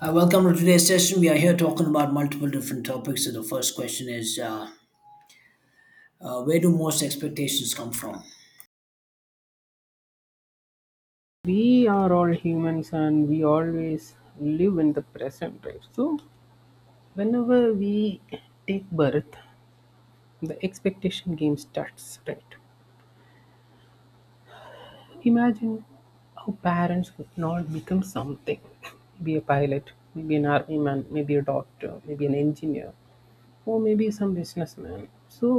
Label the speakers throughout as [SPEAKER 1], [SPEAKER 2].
[SPEAKER 1] Welcome to today's session. We are here talking about multiple different topics. So the first question is, where do most expectations come from?
[SPEAKER 2] We are all humans and we always live in the present, right? So whenever we take birth, the expectation game starts, right? Imagine how parents would not become something, maybe a pilot, maybe an army man, maybe a doctor, maybe an engineer, or maybe some businessman. So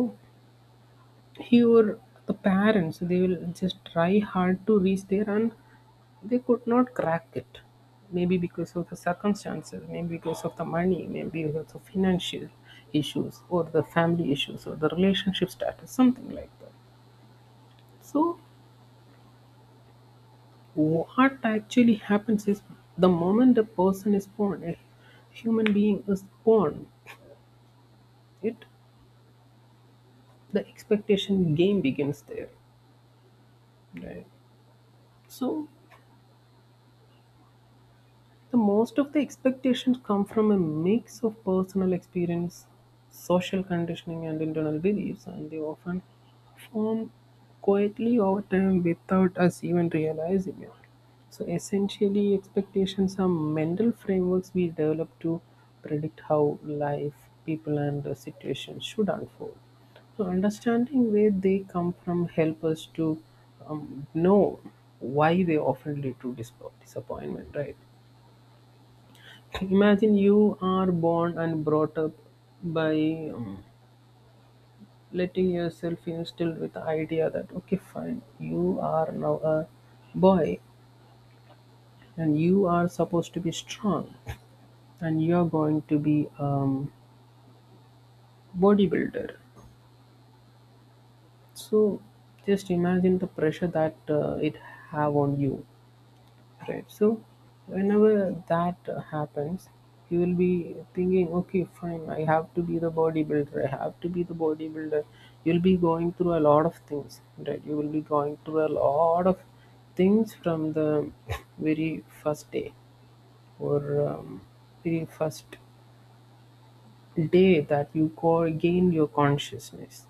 [SPEAKER 2] here, the parents, they will just try hard to reach there, and they could not crack it. Maybe because of the circumstances, maybe because of the money, maybe because of financial issues, or the family issues, or the relationship status, something like that. So, what actually happens is the moment a person is born, a human being is born, it the expectation game begins there. Right. So the most of the expectations come from a mix of personal experience, social conditioning, and internal beliefs, and they often form quietly over time without us even realizing it. So, essentially, expectations are mental frameworks we develop to predict how life, people, and situations should unfold. So understanding where they come from help us to know why they often lead to disappointment, right? Imagine you are born and brought up by letting yourself instilled with the idea that okay, fine, you are now a boy, and you are supposed to be strong, and you are going to be bodybuilder. So just imagine the pressure that it have on you. Right. So whenever that happens, you will be thinking, okay, fine, I have to be the bodybuilder. I have to be the bodybuilder. You'll be going through a lot of things, right? You will be going through a lot of things from the very first day or very first day that you go gain your consciousness.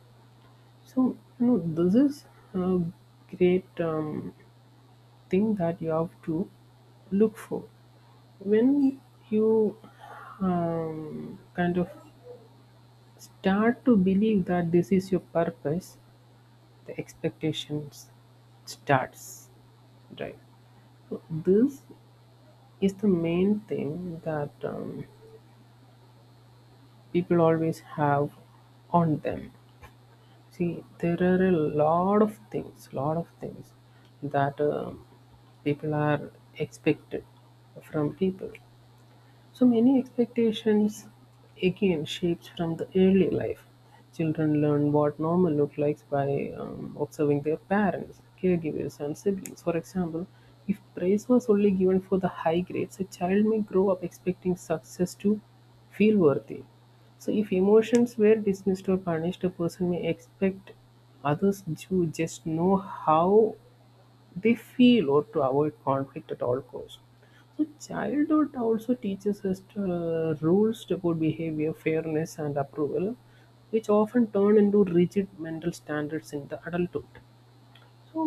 [SPEAKER 2] So you know this is a great thing that you have to look for when you kind of start to believe that this is your purpose, the expectations starts, right? So this is the main thing that people always have on them. See, there are a lot of things, that people are expected from people. So many expectations again shaped from the early life. Children learn what normal looks like by observing their parents, caregivers, and siblings. For example, if praise was only given for the high grades, a child may grow up expecting success to feel worthy. So, if emotions were dismissed or punished, a person may expect others to just know how they feel or to avoid conflict at all costs. So childhood also teaches us to, rules to good behavior, fairness, and approval, which often turn into rigid mental standards in the adulthood. So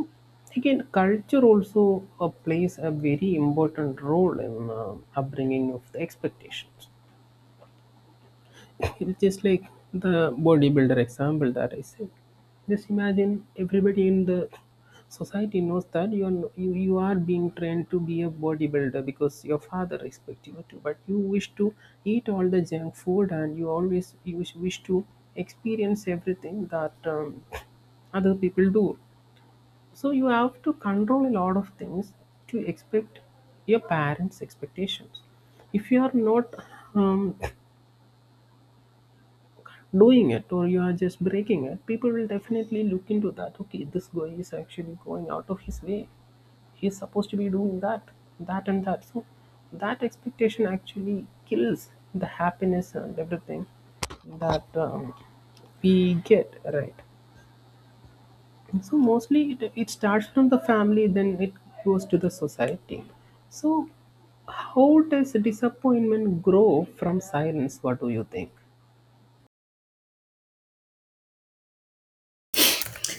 [SPEAKER 2] again, culture also plays a very important role in upbringing of the expectations. It's just like the bodybuilder example that I said. Just imagine everybody in the society knows that you are no, you are being trained to be a bodybuilder because your father expects you to, but you wish to eat all the junk food, and you always you wish to experience everything that other people do. So you have to control a lot of things to expect your parents' expectations. If you are not um, doing it or you are just breaking it, people will definitely look into that. Okay, this guy is actually going out of his way. He's supposed to be doing that, that, and that. So that expectation actually kills the happiness and everything that we get, right? So mostly it starts from the family, then it goes to the society. So, how does disappointment grow from silence? What do you think?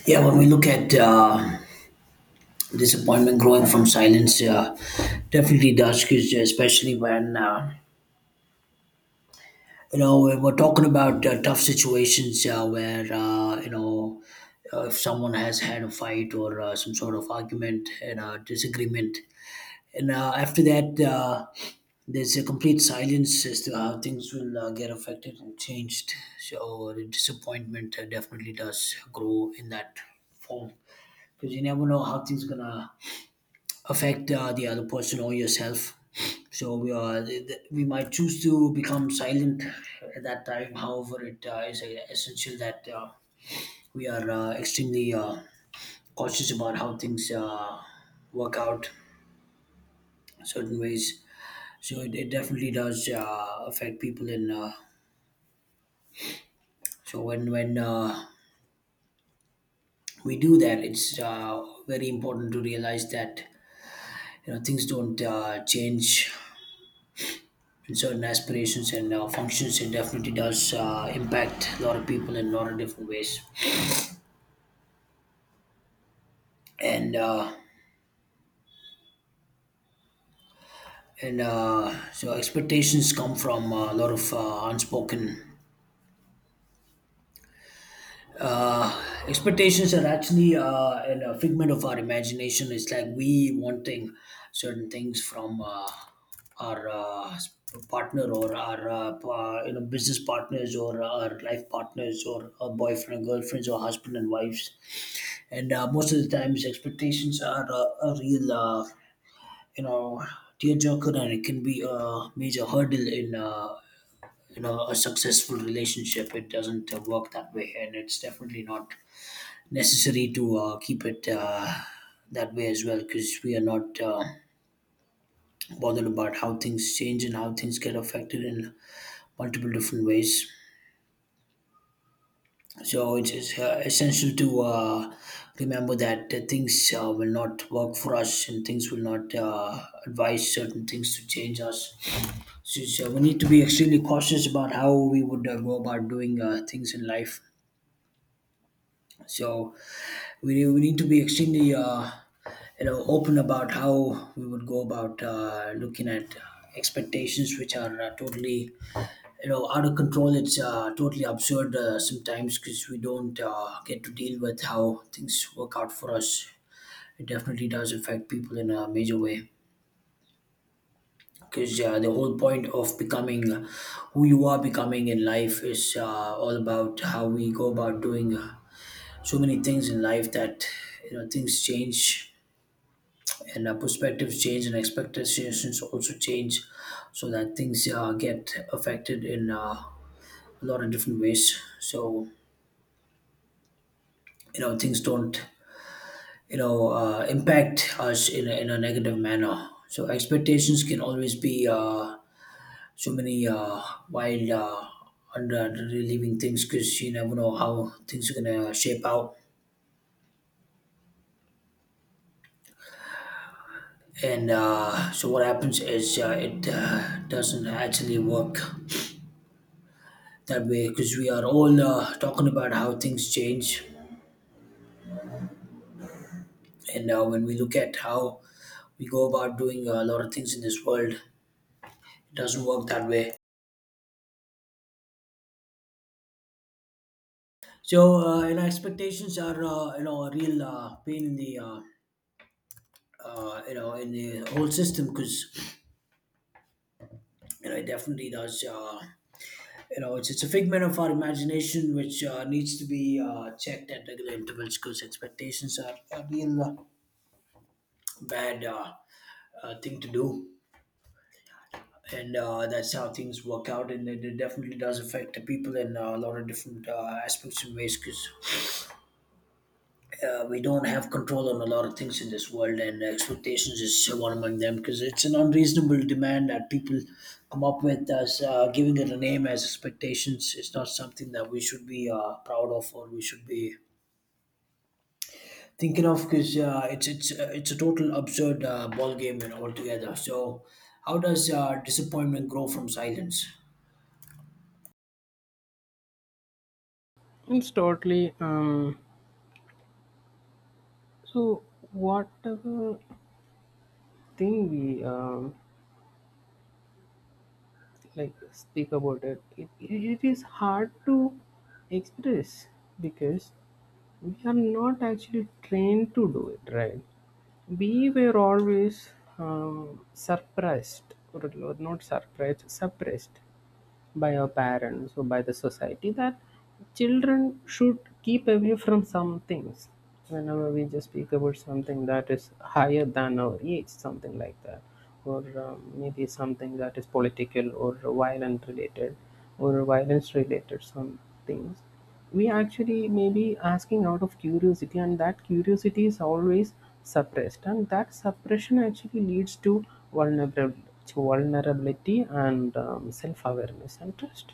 [SPEAKER 1] Yeah, when we look at disappointment growing from silence, definitely does, 'cause especially when you know when we're talking about tough situations where you know if someone has had a fight or some sort of argument and a disagreement. And after that, there's a complete silence as to how things will get affected and changed. So the disappointment definitely does grow in that form because you never know how things gonna affect the other person or yourself. So we are th- th- we might choose to become silent at that time. However, it is essential that we are extremely cautious about how things work out in certain ways, so it definitely does affect people in so when we do that, it's very important to realize that you know things don't change in certain aspirations and functions. It definitely does impact a lot of people in a lot of different ways. And uh, and So expectations come from a lot of unspoken expectations. Are actually a figment of our imagination. It's like we wanting certain things from our partner or our you know business partners or our life partners or our boyfriend girlfriends or husband and wives. And most of the times, expectations are a real you know tearjerker, and it can be a major hurdle in. You know, a successful relationship, it doesn't work that way, and it's definitely not necessary to keep it that way as well, because we are not bothered about how things change and how things get affected in multiple different ways. So it is essential to remember that things will not work for us and things will not advise certain things to change us. So, so we need to be extremely cautious about how we would go about doing things in life. So we need to be extremely you know open about how we would go about looking at expectations, which are totally, you know, out of control. It's totally absurd sometimes because we don't get to deal with how things work out for us. It definitely does affect people in a major way, because the whole point of becoming who you are becoming in life is all about how we go about doing so many things in life, that you know things change, and perspectives change and expectations also change, so that things get affected in a lot of different ways. So you know things don't, you know, impact us in a negative manner. So expectations can always be so many wild under relieving things, because you never know how things are going to shape out. And so what happens is it doesn't actually work that way, because we are all talking about how things change. And when we look at how we go about doing a lot of things in this world, it doesn't work that way. So you know expectations are, you know, a real pain in the you know in the whole system, because you know it definitely does you know, it's a figment of our imagination, which needs to be checked at regular intervals, because expectations are a real bad thing to do. And that's how things work out, and it definitely does affect the people in a lot of different aspects and ways, because we don't have control on a lot of things in this world, and expectations is so one among them, because it's an unreasonable demand that people come up with, as giving it a name as expectations. It's not something that we should be proud of or we should be thinking of, because it's a total absurd ball game and altogether. So how does disappointment grow from silence?
[SPEAKER 2] It's totally so whatever thing we like speak about it, it is hard to express because we are not actually trained to do it, right? We were always suppressed, or not surprised, suppressed by our parents or by the society that children should keep away from some things. Whenever we just speak about something that is higher than our age, something like that, or maybe something that is political or violent related or violence related, some things we actually may be asking out of curiosity, and that curiosity is always suppressed, and that suppression actually leads to vulnerability and self-awareness and trust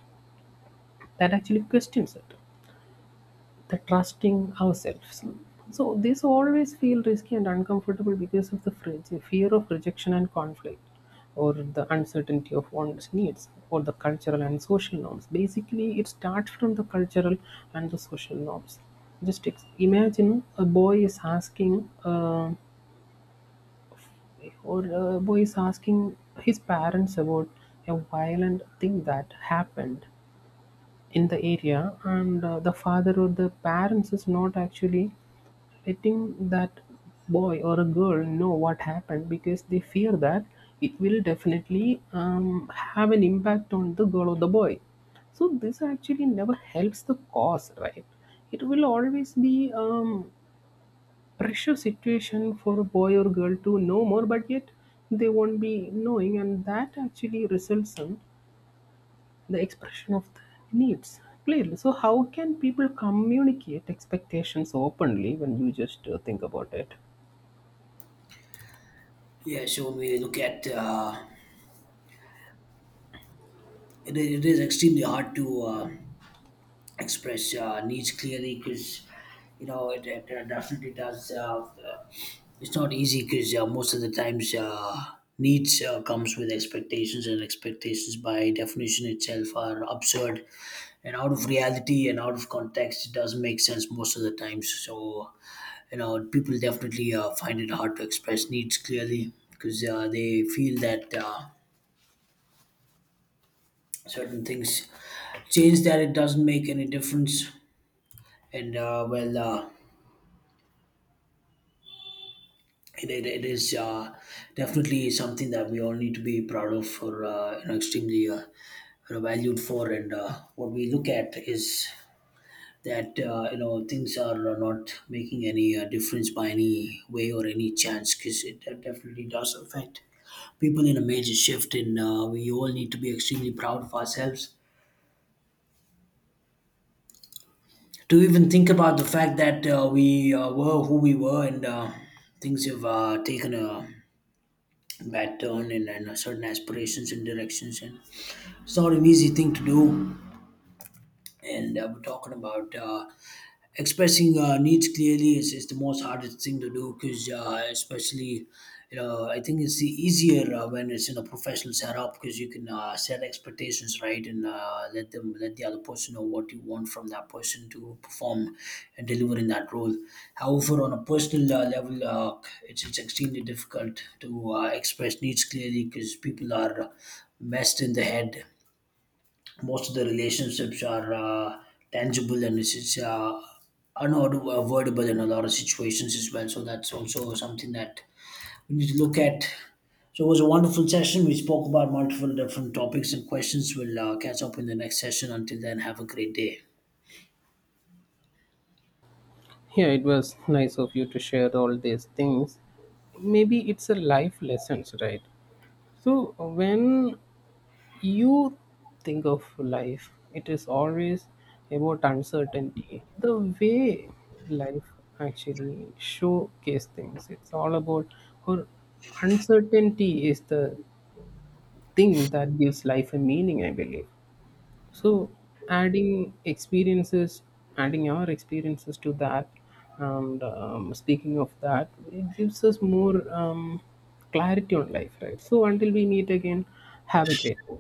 [SPEAKER 2] that actually questions it the trusting ourselves. So this always feel risky and uncomfortable because of the fear of rejection and conflict, or the uncertainty of one's needs, or the cultural and social norms. Basically, it starts from the cultural and the social norms. Just imagine a boy is asking, or a boy is asking his parents about a violent thing that happened in the area, and the father or the parents is not actually letting that boy or a girl know what happened because they fear that it will definitely have an impact on the girl or the boy. So this actually never helps the cause, right? It will always be pressure situation for a boy or girl to know more, but yet they won't be knowing, and that actually results in the expression of the needs clearly. So how can people communicate expectations openly when you just think about it?
[SPEAKER 1] Yeah, so when we look at it, it is extremely hard to express needs clearly, because you know it definitely does. Uh, it's not easy, because most of the times needs comes with expectations, and expectations by definition itself are absurd and out of reality and out of context. It doesn't make sense most of the times. So you know people definitely find it hard to express needs clearly, because they feel that certain things change, that it doesn't make any difference. And well it is definitely something that we all need to be proud of, or you know extremely, you know, valued for. And what we look at is that you know things are not making any difference by any way or any chance, because it definitely does affect people in a major shift. And we all need to be extremely proud of ourselves to even think about the fact that we were who we were, and things have taken a bad turn and certain aspirations and directions, and it's not an easy thing to do. And we're talking about expressing needs clearly is the most hardest thing to do, because especially, you know, I think it's the easier when it's in a professional setup, because you can set expectations right and let the other person know what you want from that person to perform and deliver in that role. However, on a personal level, it's extremely difficult to express needs clearly because people are messed in the head. Most of the relationships are tangible, and it's unavoidable in a lot of situations as well. So that's also something that we need to look at. So it was a wonderful session. We spoke about multiple different topics and questions. We'll catch up in the next session. Until then, have a great day.
[SPEAKER 2] Yeah, it was nice of you to share all these things. Maybe it's a life lessons, right? So when you think of life, it is always about uncertainty. The way life actually showcase things, it's all about, or uncertainty is the thing that gives life a meaning, I believe. So adding experiences, adding our experiences to that, and speaking of that, it gives us more clarity on life, right? So until we meet again, have a great day.